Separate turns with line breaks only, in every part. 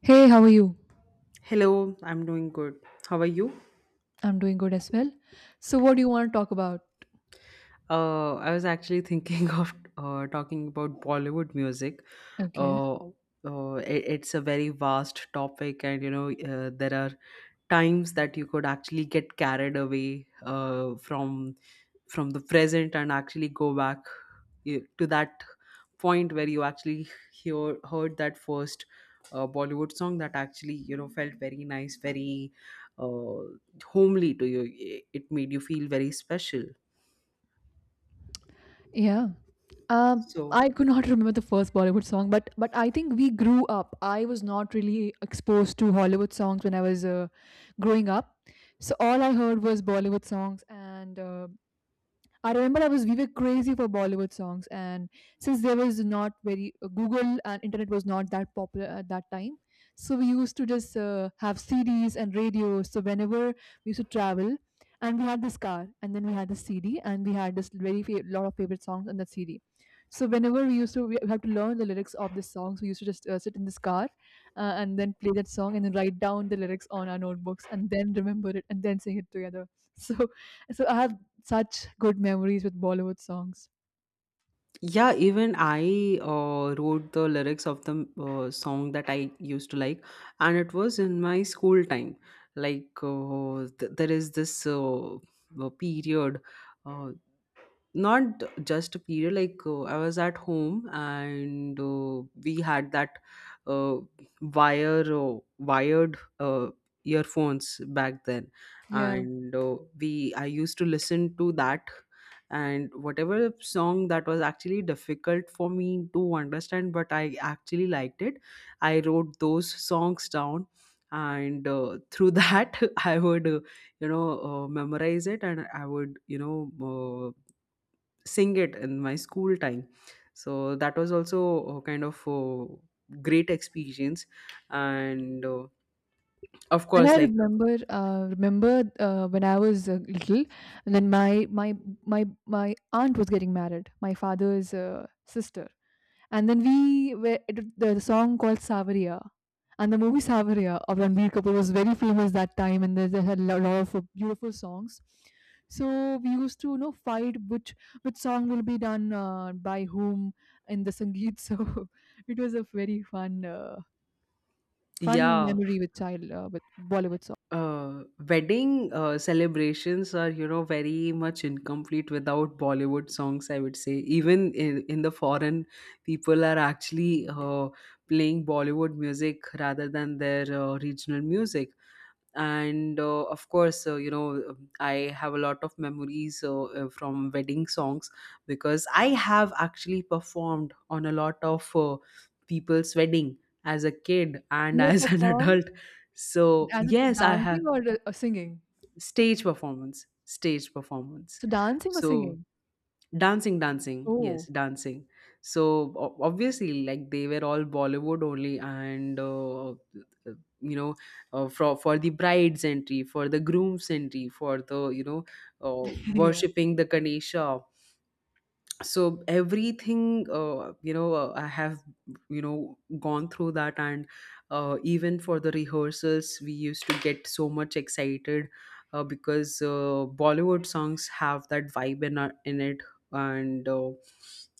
Hey, how are you?
Hello, I'm doing good. How are you?
I'm doing good as well. So, what do you want to talk about?
I was actually thinking of talking about Bollywood music.
Okay.
Uh, it's a very vast topic, and you know, there are times that you could actually get carried away from the present and actually go back to that point where you actually heard that first Bollywood song that actually, you know, felt very nice, very uh, homely to you. It made you feel very special.
Yeah. Um,
So.
I could not remember the first Bollywood song, but I think we grew up. I was not really exposed to Hollywood songs when I was growing up, so all I heard was Bollywood songs, and I remember I was we were crazy for Bollywood songs, and since there was not very Google and internet was not that popular at that time, so we used to just have CDs and radios. So whenever we used to travel, and we had this car, and then we had the CD, and we had this lot of favorite songs on the CD. So whenever we have to learn the lyrics of the songs, we used to just sit in this car and then play that song and then write down the lyrics on our notebooks and then remember it and then sing it together. So so I have such good memories with Bollywood songs.
Yeah, even I wrote the lyrics of the song that I used to like, and it was in my school time. Like, there is this period. Uh, Not just a period, like, I was at home, and we had that uh, wired earphones back then,
Yeah,
and we I used to listen to that, and whatever song that was actually difficult for me to understand but I actually liked it, I wrote those songs down, and through that I would, memorize it, and I would, uh, sing it in my school time. So that was also kind of great experience. And of
and
course,
I
like,
remember, when I was little, and then my aunt was getting married, my father's sister, and then the song called Savariya, and the movie Savariya of Ranbir Kapoor was very famous that time, and they had a lot of beautiful songs. So we used to, you know, fight which song will be done by whom in the sangeet. So it was a very fun
yeah,
memory with child with Bollywood song.
uh, wedding celebrations are, you know, very much incomplete without Bollywood songs, I would say. Even in the foreign, people are actually playing Bollywood music rather than their regional music. And of course, you know, I have a lot of memories from wedding songs, because I have actually performed on a lot of people's wedding, as a kid and
You have
as an
performed
adult. So
as in
yes, I have.
dancing or singing?
Stage performance. Stage performance.
So dancing or
So.
singing?
Dancing, dancing, yes,
Oh,
dancing. So obviously, like, they were all Bollywood only, and you know, for the bride's entry, for the groom's entry, for the, you know,
yeah,
worshipping the Ganesha, so everything, I have, you know, gone through that. And even for the rehearsals we used to get so much excited, because Bollywood songs have that vibe in it. And uh,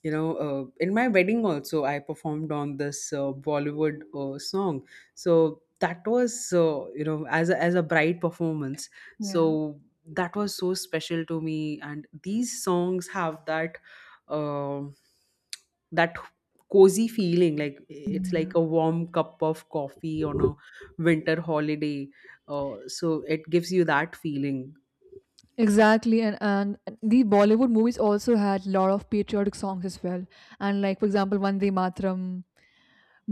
you know uh, in my wedding also I performed on this Bollywood song, so that was you know, as a, bright performance.
yeah.
So that was so special to me, and these songs have uh, that cozy feeling, like it's like
Yeah,
a warm cup of coffee on a winter holiday. So it gives you that feeling.
exactly, and and the Bollywood movies also had lot of patriotic songs as well, and like for example, Vande Matram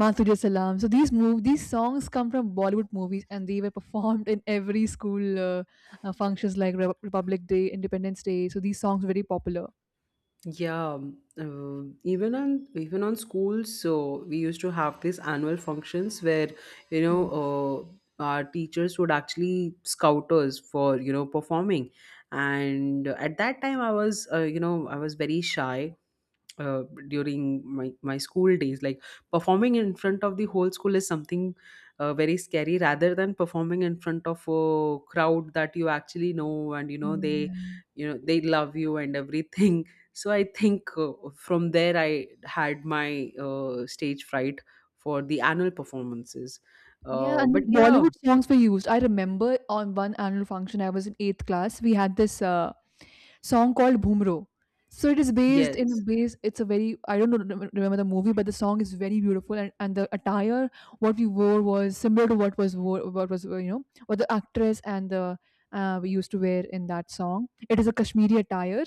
Mathuria Salam. So these songs come from Bollywood movies, and they were performed in every school functions like Republic Day, Independence Day. So these songs were very popular.
Yeah, even on schools, so we used to have these annual functions where, you know,
Yes.
our teachers would actually scout us for, you know, performing, and at that time I was, I was very shy during my school days, like, performing in front of the whole school is something very scary, rather than performing in front of a crowd that you actually know, and, you know,
Mm, yeah.
they love you and everything. So I think, from there I had my stage fright for the annual performances.
Yeah, and
But
then
yeah.
Bollywood songs were used. I remember on one annual function, I was in eighth class. We had this song called Bhoomro. So it is based in a
Yes,
base. It's a very I don't know, remember the movie, but the song is very beautiful, and the attire what we wore was similar to what was you know what the actress and the we used to wear in that song. It is a Kashmiri attire,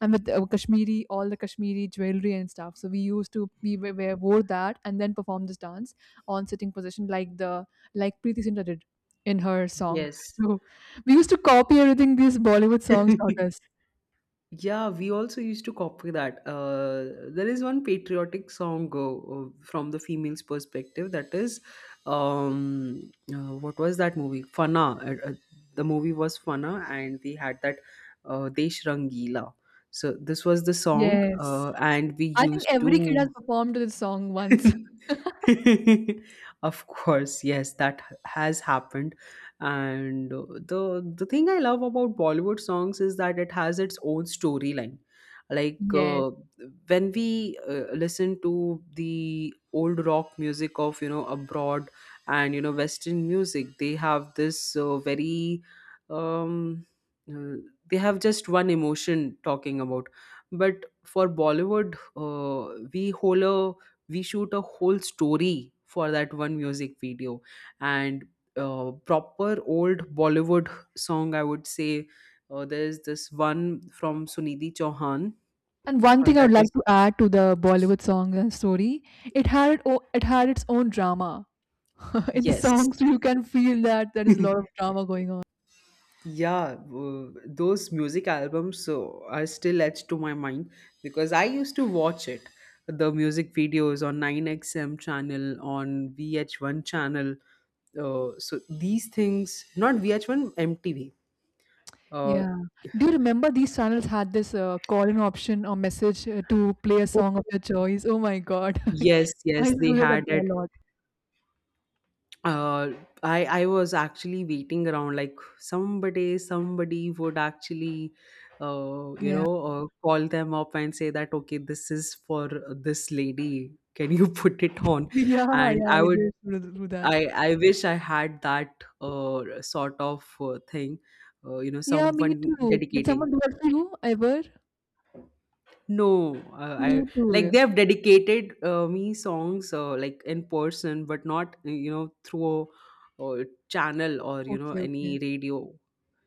and with Kashmiri all the Kashmiri jewelry and stuff. So we used to we wore that and then perform this dance on sitting position like Preeti Zinta did in her song.
yes.
So we used to copy everything these Bollywood songs taught us.
Yeah, we also used to copy that. There is one patriotic song from the female's perspective, that is, what was that movie? Fana. The movie was Fana, and we had that Desh Rangila, so this was the song.
Yes.
And we
I think
used to.
every kid has performed to this song once.
Of course, yes, that has happened. And the the thing I love about Bollywood songs is that it has its own storyline, like,
Yes.
when we listen to the old rock music of, you know, abroad, and, you know, Western music, they have this very, um uh, they have just one emotion talking about. But for Bollywood, we hold a we shoot a whole story for that one music video. And proper old Bollywood song, I would say, there's this one from Sunidhi Chauhan,
And one thing I
that
would
is.
like to add to the Bollywood song and story, it had its own drama in the
Yes.
song, so you can feel that there is a lot of drama going on.
Yeah, those music albums are still etched to my mind, because I used to watch it, the music videos on 9XM channel, on VH1 channel. So these things, not VH1, mtv. uh,
Yeah. Do you remember these channels had this call-in option or message to play a song of your choice? Oh my God,
Yes,
I
yes,
used to
they
do that
had it.
a lot.
Uh, I was actually waiting around, like, somebody would actually,
Yeah.
call them up and say that, okay, this is for this lady. Can you put it on?
Yeah,
And
yeah, I
I would.
did do do
I
that.
I wish I had that sort of thing, you know,
Yeah, me
someone
too. Did
dedicating.
someone do that to you ever?
No,
Me
I,
too.
like,
Yeah.
they have dedicated me songs, like, in person, but not, you know, through a, channel, or, you know,
Okay,
any
okay,
radio.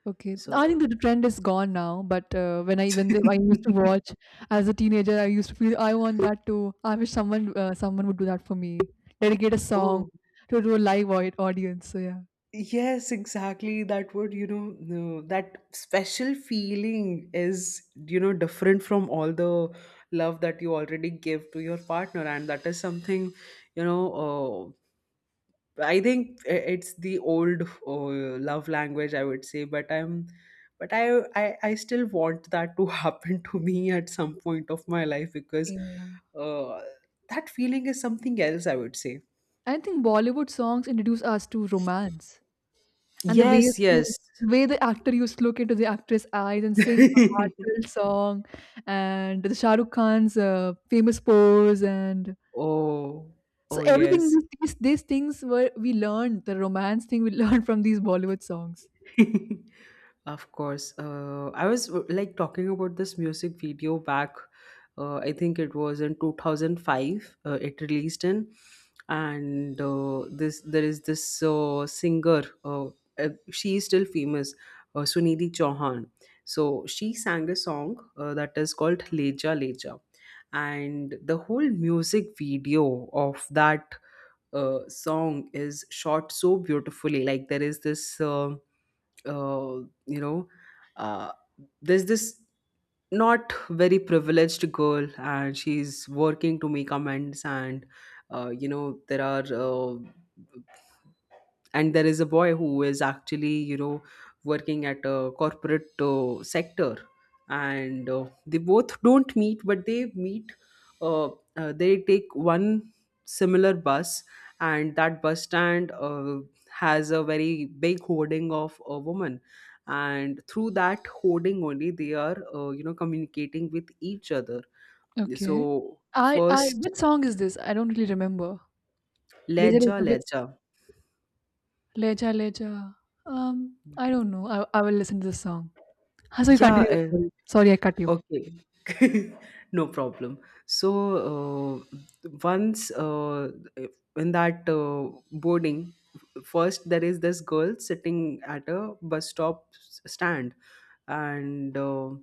okay. I
So.
think that the trend is gone now. But when I when they, I used to watch as a teenager, I used to feel I want that too. I wish someone would do that for me. Dedicate a song
Oh
to a live audience. So yeah,
yes, exactly. That would, you know, no, that special feeling is, you know, different from all the love that you already give to your partner, and that is something you know. Uh, I think it's the old love language, I would say, but I'm, but I still want that to happen to me at some point of my life, because
yeah.
uh, that feeling is something else, I would say.
I think Bollywood songs introduce us to romance and
Yes, yes.
the way the actor used to look into the actress' eyes and sing a heartfelt song, and the Shah Rukh Khan's famous pose and
oh,
so
oh
everything
yes.
these things were we learned the romance thing we learned from these Bollywood songs.
Of course. I was, like, talking about this music video back. I think it was in 2005, it released in. And this there is this singer, she is still famous, Sunidhi Chauhan. So she sang a song that is called Leja Leja. And the whole music video of that song is shot so beautifully. Like, there is this. Uh, you know, uh, there's this not very privileged girl, and she's working to make amends. And you know, there are and there is a boy who is actually, you know, working at a corporate sector, and they both don't meet but they meet. uh, they take one similar bus, and that bus stand has a very big hoarding of a woman, and through that hoarding only they are, you know, communicating with each other.
Okay.
So
I
first.
what song is this? I don't really remember. Leja
Leja
Leja which
Leja.
Leja Leja. I don't know. I will listen to this song. Ah, so you
Yeah.
continue your story. Sorry, I cut you.
Okay. No problem. So, once, in that boarding, first there is this girl sitting at a stand, and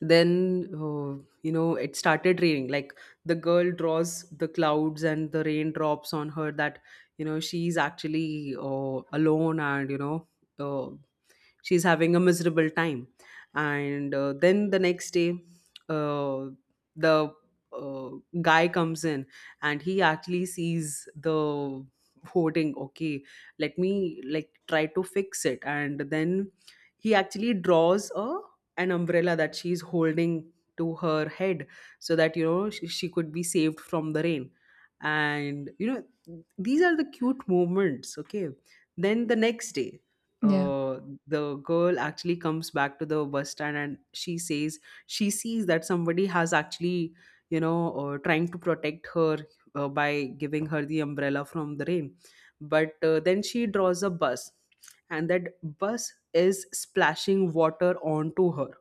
then, you know, it started raining. Like, the girl draws the clouds and the raindrops on her. That, you know, she's actually alone, and, you know. Uh, she's having a miserable time. And then the next day, uh, the uh, guy comes in, and he actually sees the hoarding. Okay, let me, like, try to fix it. And then he actually draws a an umbrella that she's holding to her head, so that, you know, she could be saved from the rain. And, you know, these are the cute moments. Okay. Then the next day,
Yeah.
uh, the girl actually comes back to the bus stand, and she sees that somebody has actually, trying to protect her, by giving her the umbrella from the rain. But then she draws a bus, and that bus is splashing water onto her.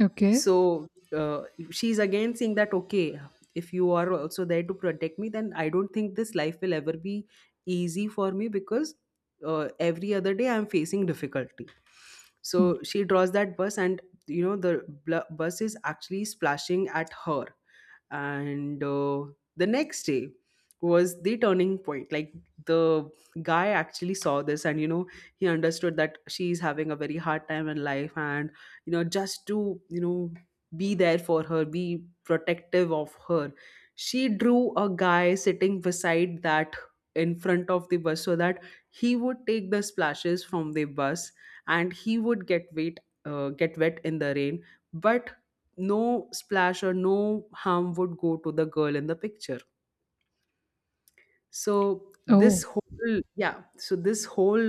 Okay.
So uh, she's again saying that, okay, if you are also there to protect me, then I don't think this life will ever be easy for me, because every other day I'm facing difficulty.
Mm.
So she draws that bus, and, you know, the bus is actually splashing at her. And the next day was the turning point, like, the guy actually saw this, and, you know, he understood that she's having a very hard time in life, and, you know, just to, you know, be there for her, be protective of her, she drew a guy sitting beside that, in front of the bus, so that he would take the splashes from the bus, and he would get wet in the rain. But no splash or no harm would go to the girl in the picture. So this
Oh,
whole. Yeah. So this whole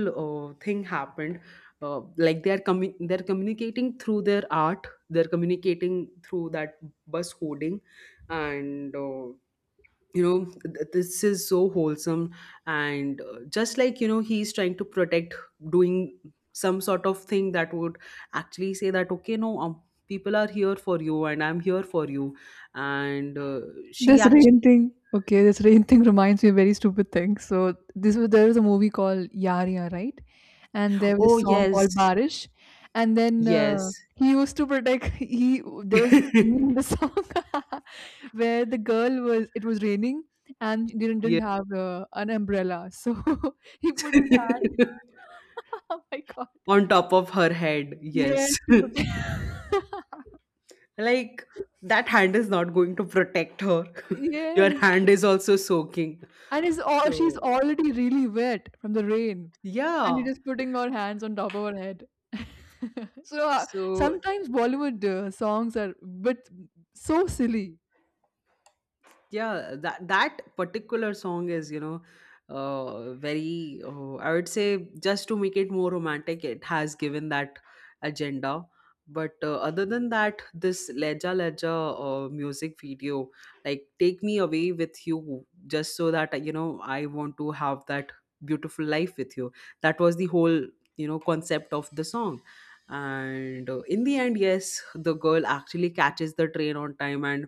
thing happened. Like, they're communicating through their art, they're communicating through that bus hoarding. And you know, this is so wholesome. And just, like, you know, he's trying to protect, doing some sort of thing that would actually say that, okay, no, people are here for you, and I'm here for you. And she
this
actually.
rain thing. Okay, this rain thing reminds me of very stupid things. So this was there was a movie called Yariya, right? And there was
Oh
this song called
yes.
Barish. And then
Yes.
he used to protect. He there was a scene in the song where the girl was. it was raining and she didn't
Yeah.
didn't have an umbrella, so he put his hand. Oh my god!
On top of her head,
Yes,
yes.
to protect.
Like, that hand is not going to protect her. Your
yes,
hand is also soaking.
and is all she's
So,
already really wet from the rain, and you're
yeah.
just putting her hands on top of her head. So,
So
sometimes Bollywood songs are but so silly.
yeah, that particular song is very I would say, just to make it more romantic, it has given that agenda, but other than that, this leja leja music video, like take me away with you just so that, you know, I want to have that beautiful life with you. That was the whole, you know, concept of the song. And in the end, yes, the girl actually catches the train on time, and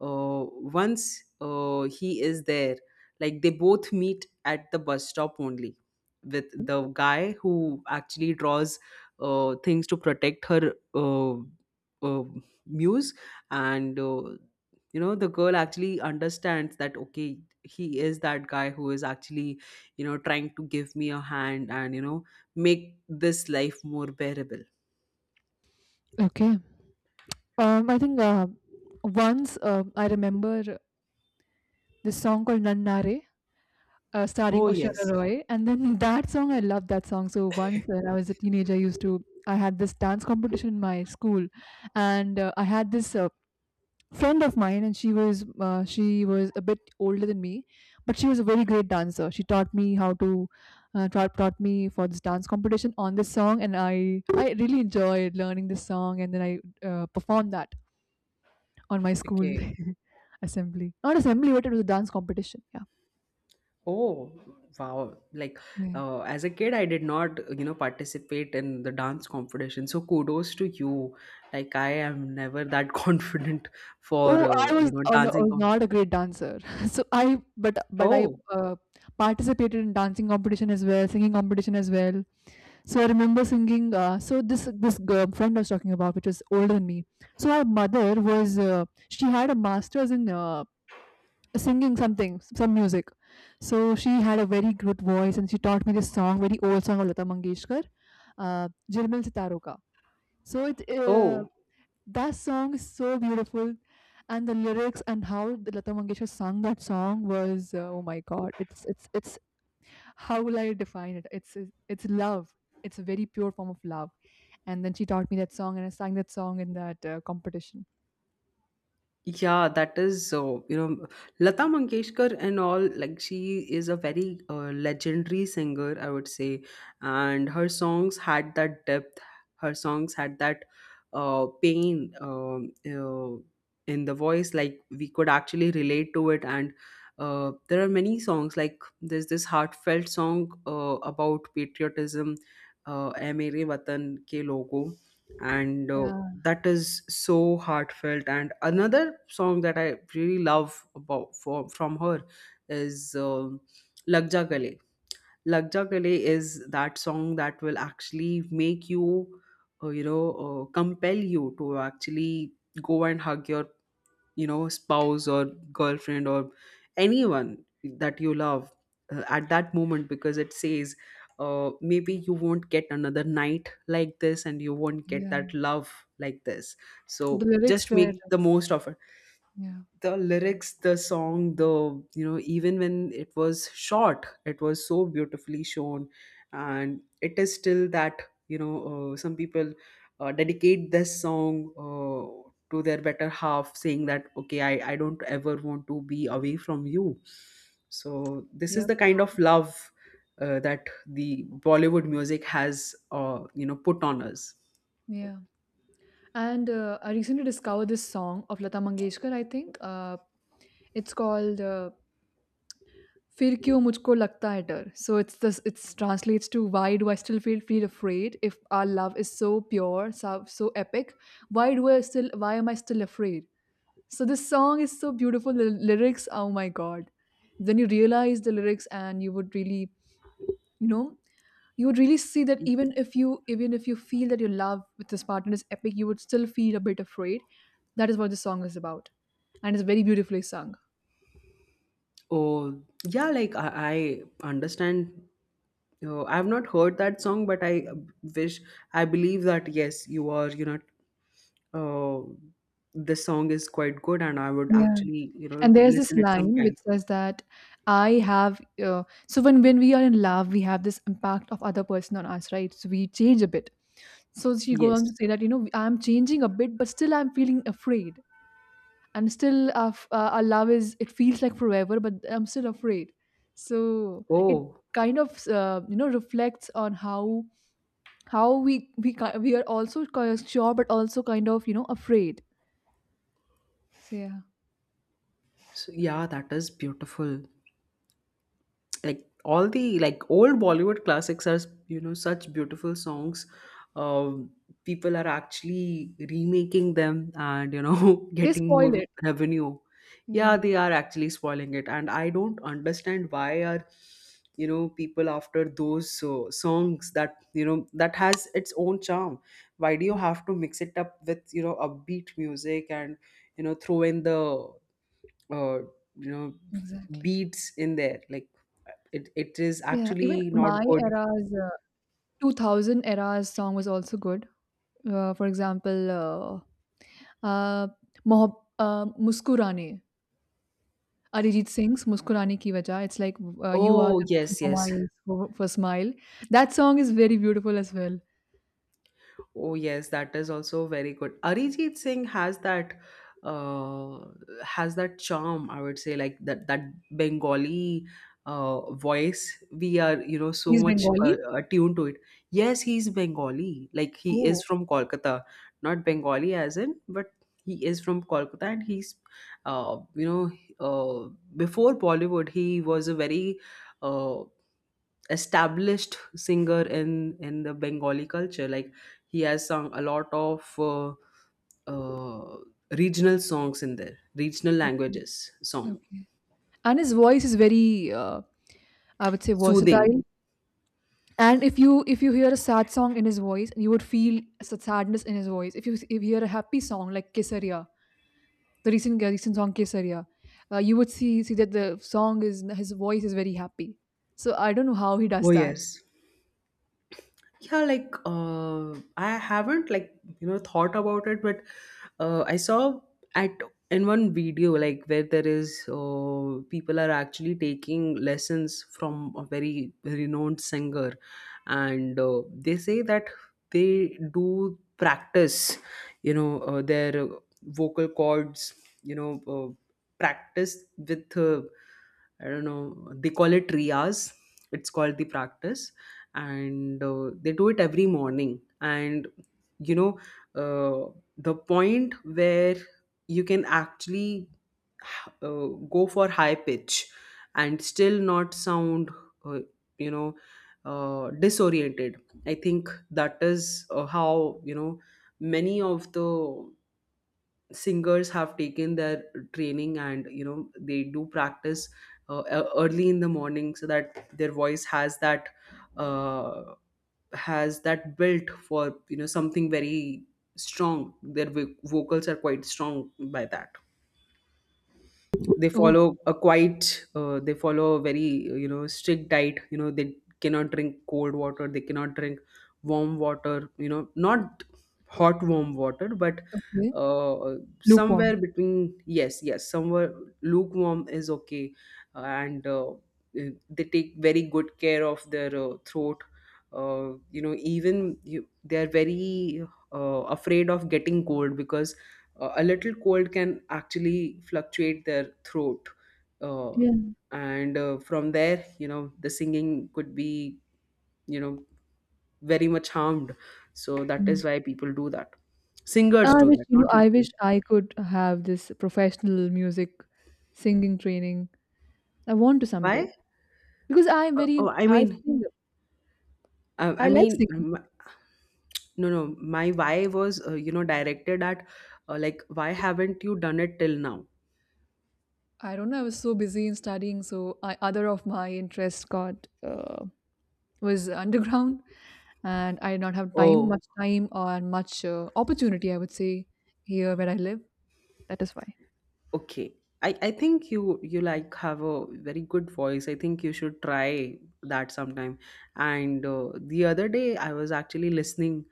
uh, once he is there, like they both meet at the bus stop only, with the guy who actually draws things to protect her, uh, muse. And you know, the girl actually understands that, okay, he is that guy who is actually, you know, trying to give me a hand and, you know, make this life more bearable.
Okay. I think once I remember this song called Nannare, starring
Oh
Oshara
yes.
Roy, and then that song I loved that song. So once when I was a teenager, I used to I had this dance competition in my school, and I had this friend of mine and she was a bit older than me but she was a very great dancer. She taught me how to taught me for this dance competition on this song and I really enjoyed learning this song and then I performed that on my school
Okay.
assembly not assembly but it was a dance competition. Yeah,
Oh, wow. Like,
yeah.
as a kid, I did not, you know, participate in the dance competition. So kudos to you. Like, I am never that confident for,
Oh,
you know,
I
dancing.
was
Com-
not a great dancer. So I, but I
oh,
participated in dancing competition as well, singing competition as well. So I remember singing. So this girl friend I was talking about, which was older than me. So her mother was she had a master's in singing something, some music. So she had a very good voice, and she taught me this song, very old song of Lata Mangeshkar, "Jilmil Sitaron Ka." So it
oh.
that song is so beautiful, and the lyrics and how the Lata Mangeshkar sang that song was oh my god, it's how will I define it? It's love. It's a very pure form of love. And then she taught me that song, and I sang that song in that competition.
Yeah, that is, you know, Lata Mangeshkar and all, like, she is a very legendary singer, I would say. And her songs had that depth, her songs had that pain, in the voice. Like, we could actually relate to it. And there are many songs, like, there's this heartfelt song about patriotism, "Ae Mere Watan Ke Logo," and
Yeah,
that is so heartfelt. And another song that I really love from her is, lag ja gale. Lag ja gale is that song that will actually make you you know compel you to actually go and hug your, you know, spouse or girlfriend or anyone that you love at that moment, because it says maybe you won't get another night like this, and you won't get
yeah.
that love like this.
The
So
lyrics
just
were
make the most of it.
yeah,
The lyrics, the song, the, you know, even when it was short, it was so beautifully shown. And it is still that, you know, some people dedicate this song uh, to their better half, saying that, okay, I don't ever want to be away from you. So this is
yep,
the kind of love that the Bollywood music has, you know, put on us.
yeah. And I recently discovered this song of Lata Mangeshkar. I think it's called फिर क्यों मुझको लगता है डर? So it's this it's translates to why do I still feel afraid if our love is so pure, so, so epic? Why am I still. So this song is so beautiful. The lyrics, oh my god. Then you realize the lyrics and you would really, you know, you would really see that even if you feel that your love with this partner is epic, you would still feel a bit afraid. That is what the song is about. And it's very beautifully sung.
Oh yeah, like I understand. Oh, I've not heard that song, but I, wish, I believe that, yes, you are, you know, uh, this song is quite good, and I would actually, you know,
And there's this
listen it
line
sometime.
which says that I have. So when we are in love, we have this impact of other person on us, right? So we change a bit. So she goes on to
Yes.
say that you know I'm changing a bit, but still I'm feeling afraid, and still our love is it feels like forever, but I'm still afraid. So it
Oh,
kind of you know reflects on how how we are also sure, but also kind of you know afraid. So yeah,
so yeah, that is beautiful. Like all the, like, old Bollywood classics are, you know, such beautiful songs. um people are actually remaking them and, you know,
they
getting
spoil
more
it.
revenue. Yeah,
Yeah,
they are actually spoiling it, and I don't understand why are, you know, people after those songs that, you know, that has its own charm. Why do you have to mix it up with, you know, upbeat music and, you know, throw in the uh, you know,
exactly.
beats in there? Like it is
Yeah, even
actually not
my
good.
era's 2000 era's song was also good. For example, uh, Muskurane, Arijit Singh's Muskurane Ki Wajah. It's like you are
Oh
the reason
yes,
for
yes.
my for smile. That song is very beautiful as well.
Oh yes, that is also very good. Arijit Singh uh has that charm, I would say, like that Bengali voice. We are, you know, so
He's
much
Bengali.
attuned to it. Yes, he's Bengali. Like he is
Oh,
from Kolkata, not Bengali as in, but he is from Kolkata, and he's uh you know uh before Bollywood he was a very uh established singer in the Bengali culture. Like he has sung a lot of uh, regional songs in there, regional
okay,
languages song,
okay. And his voice is very, I would say,
soothing.
versatile. And if you hear a sad song in his voice, you would feel sadness in his voice. If you hear a happy song like Kesaria, the recent song Kesariya, you would see that the song is his voice is very happy. So I don't know how he
Oh
does that.
yes. Yeah, like I haven't, like, you know, thought about it, but I saw at, in one video, like, where there is people are actually taking lessons from a very renowned singer, and they say that they do practice, you know, their vocal cords, you know, practice with, I don't know, they call it riyas. It's called the practice. And they do it every morning, and, you know, uh, the point where you can actually go for high pitch and still not sound uh, you know disoriented. I think that is how, you know, many of the singers have taken their training, and, you know, they do practice e- early in the morning so that their voice uh, has that built for, you know, something very strong. Their vocals are quite strong by that. They
Oh,
follow a quite, they follow a very, you know, strict diet. You know, they cannot drink cold water, they cannot drink warm water, you know, not hot warm water, but
okay.
uh,
Lukewarm.
somewhere between, yes, yes, somewhere lukewarm is okay. And they take very good care of their throat. You know, even you, they are very afraid of getting cold, because a little cold can actually fluctuate their throat. uh,
Yeah.
and from there, you know, the singing could be, you know, very much harmed. So that
Mm.
is why people do that, singers
I
do
wish,
that,
you know,
not
I
people.
wish I could have this professional music singing training. I want to
Why?
someday because I'm
uh, oh
very,
i
I
mean
sing,
uh, i
I like
mean
singing.
um, no, no, my "why" was, you know, directed at, like, why haven't you done it till now.
I don't know. I was so busy in studying, so I, other of my interests got was underground, and I did not have time,
Oh.
much time, or much opportunity, I would say, here where I live. That is why.
Okay. I think you, you, like, have a very good voice. I think you should try that sometime. And the other day I was actually listening,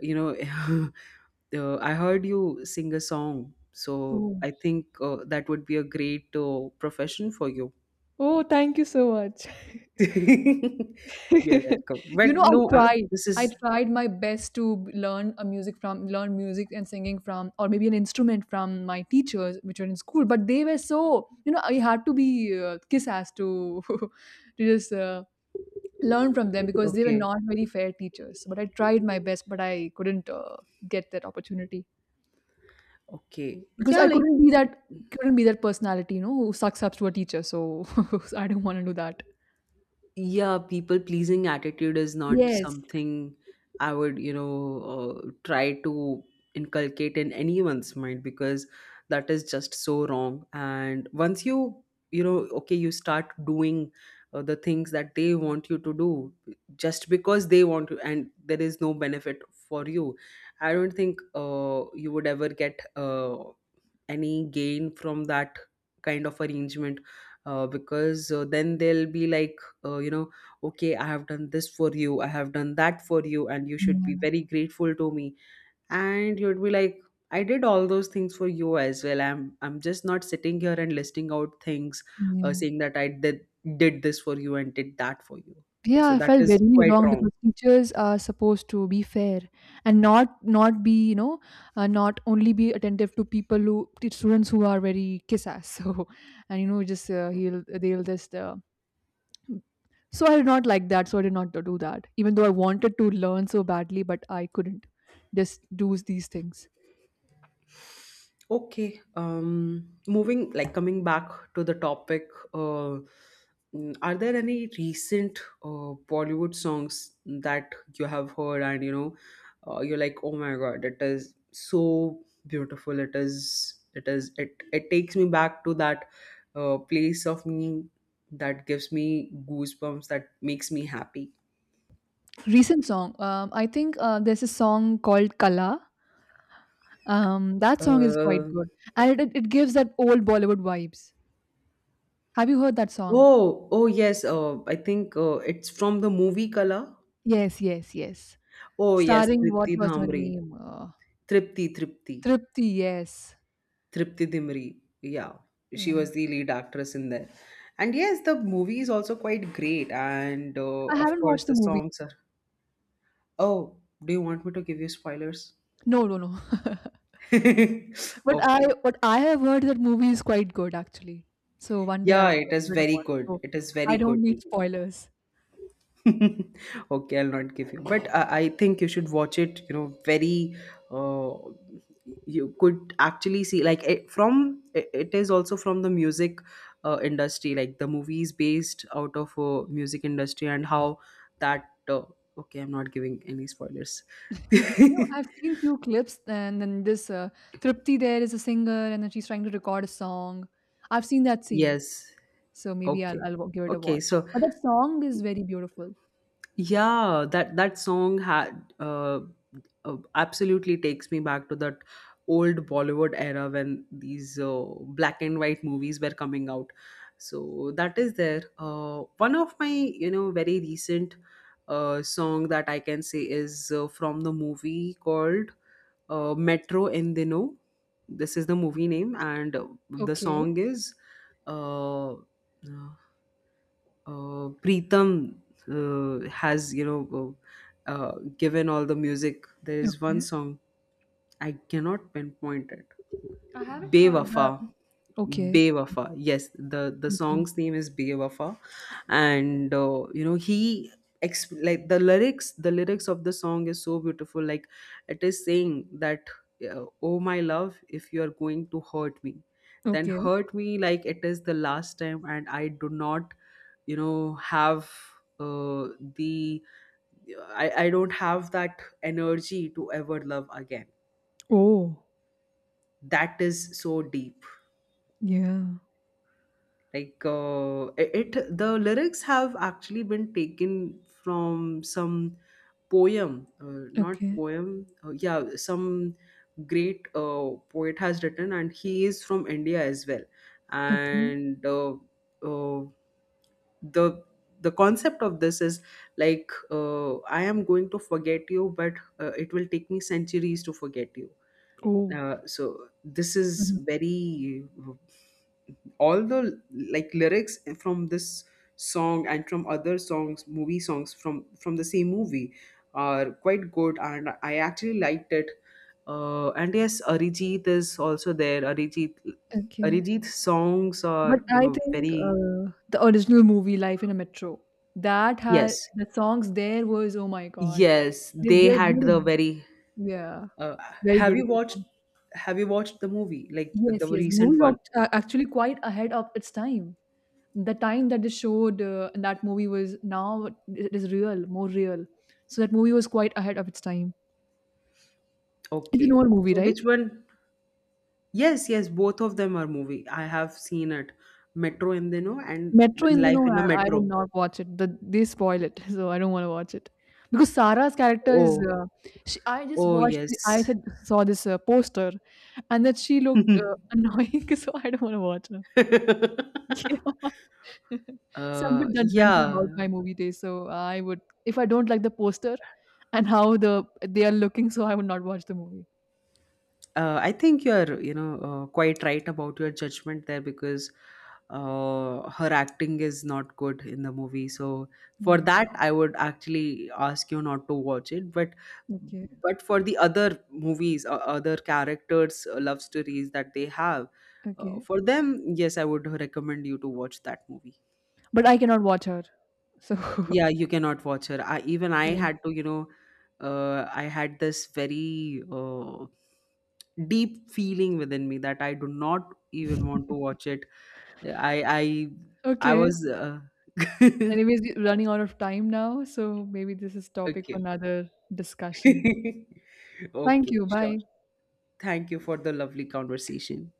you know, I heard you sing a song. So
Oh,
I think that would be a great profession for you.
oh, thank you so much.
You're welcome. But
You know, I
no,
tried.
this
I
is
tried my best to b learn a music from learn music and singing from, or maybe an instrument from my teachers, which were in school, but they were so, you know, I had to be, kiss-ass to to just, learn from them because they were
okay.
not very fair teachers. But I tried my best, but I couldn't, get that opportunity
Okay.
because
Yeah,
I
like,
couldn't be that, couldn't be that personality, you know, who sucks up to a teacher, so I don't wanna do that.
yeah, people pleasing attitude is not
Yes.
something I would, you know, try to inculcate in anyone's mind, because that is just so wrong. And once you, you know, okay, you start doing the things that they want you to do, just because they want to, and there is no benefit for you, I don't think you would ever get any gain from that kind of arrangement. Because then they'll be like, you know, okay, I have done this for you, I have done that for you, and you should be
Yeah,
very grateful to me. And you'd be like, I did all those things for you as well. I'm just not sitting here and listing out things,
yeah.
saying that I did this for you and did that for you.
Yeah,
So
I
that
felt
is
very
quite
wrong
wrong.
because teachers are supposed to be fair and not be, you know, not only be attentive to people who, to students who are very kiss ass. So, and you know just he'll they'll just so I did not like that. So I did not do that, even though I wanted to learn so badly, but I couldn't just do these things.
Okay, moving, like, coming back to the topic, uh, are there any recent Bollywood songs that you have heard and, you know, you're like, oh my God, it is so beautiful. It is, it is, it takes me back to that place of me, that gives me goosebumps, that makes me happy.
Recent song, I think there's a song called Kala. That song is quite
Uh,
good, and it gives that old Bollywood vibes. Have you heard that song?
oh, oh yes, I think it's from the movie Color.
Yes, yes, yes.
Oh yes,
Starring what
Tripti
was her
Dhamri.
name?
Tripti, Tripti.
Tripti, yes.
Tripti Dimri. Yeah. She
Yeah.
was the lead actress in there. And yes, the movie is also quite great. And
I
of
haven't
course,
watched the
the
movie.
songs are. Oh, do you want me to give you spoilers?
No, no, no. But I,
Okay.
what I have heard, that movie is quite good actually. So one day
Yeah,
I'll
it
get
is
rid of
very
it.
good.
So
It is very
I
good.
don't need spoilers.
Okay, I'll not give you, but I think you should watch it. You know, very uh, you could actually see, like, from it, it is also from the music industry, like the movie is based out of music industry, and how that, okay, I'm not giving any spoilers.
No, I've seen few clips, and then this Tripti, there is a singer, and then she's trying to record a song. I've seen that scene.
Yes.
So maybe I'll
Okay,
I'll wa- give it a
okay,
watch.
so,
But that song is very beautiful.
yeah, that that song had absolutely takes me back to that old Bollywood era when these black and white movies were coming out. So that is there. One of my, you know, very recent song that I can say is from the movie called Metro Endino. This is the movie name, and the
Okay.
song is uh, uh, Preetham has, you know, given all the music. There is one
Okay.
song I cannot pinpoint it.
I haven't heard that.
Bewafa.
Okay.
Bewafa. Yes, the
Okay.
song's name is Bewafa, and you know, like the lyrics. The lyrics of the song is so beautiful. Like it is saying that, "Oh my love, if you are going to hurt me, then
Okay.
hurt me like it is the last time, and I do not, you know, have." Uh, the I don't have that energy to ever love again.
Oh,
That is so deep.
yeah.
Like, it, the lyrics have actually been taken from some poem, not
Okay.
poem, yeah, some great poet has written, and he is from India as well.
Okay.
And uh, the the concept of this is, like, I am going to forget you, but it will take me centuries to forget you.
Oh.
So this is
Mhm.
very, all the, like, lyrics from this song and from other songs, movie songs, from the same movie are quite good, and I actually liked it. And yes, Arijit is also there.
Okay.
Arijit's songs
But
are, you
I
know,
think
very,
the original movie Life in a Metro, that had
yes,
the songs, there was, oh my god,
yes,
they
they
they're
had
beautiful,
the very,
yeah,
uh,
very
have you
beautiful
watched,
songs.
have you watched the movie, like the
Yes, yes. The
recent
movie was
one?
actually quite ahead of its time. The time that they showed in that movie, was now it is real, more real. So that movie was quite ahead of its time. It's an
Okay,
old movie,
so
right?
which one? Yes, yes, both of them are movie. I have seen it. Metro Endino and
Metro
then Life in a
Indranoor, I would
Metro.
not watch it. The they spoil it, so I don't wanna watch it. Because Sarah's character is,
Oh,
she, I just
oh
watched the, I
yes.
said saw this, poster, and that she looked, annoying, so I don't wanna watch her. Yeah. So I'm a bit judgmental
Yeah.
about my movie taste, so I would, if I don't like the poster and how they are looking, so I would not watch the movie.
I think you're, you know, quite right about your judgment there, because her acting is not good in the movie. So for
Yeah.
that, I would actually ask you not to watch it. But
Okay.
but for the other movies, other characters, love stories that they have,
Okay.
for them, yes, I would recommend you to watch that movie.
But I cannot watch her. So,
Yeah, you cannot watch her. I, even I
yeah.
had to, you know, I had this very deep feeling within me that I do not even want to watch it. I I
Okay.
was
Anyways, we're running out of time now, so maybe this is topic for
okay.
another discussion. Thank
Okay,
you.
sure.
Bye.
Thank you for the lovely conversation.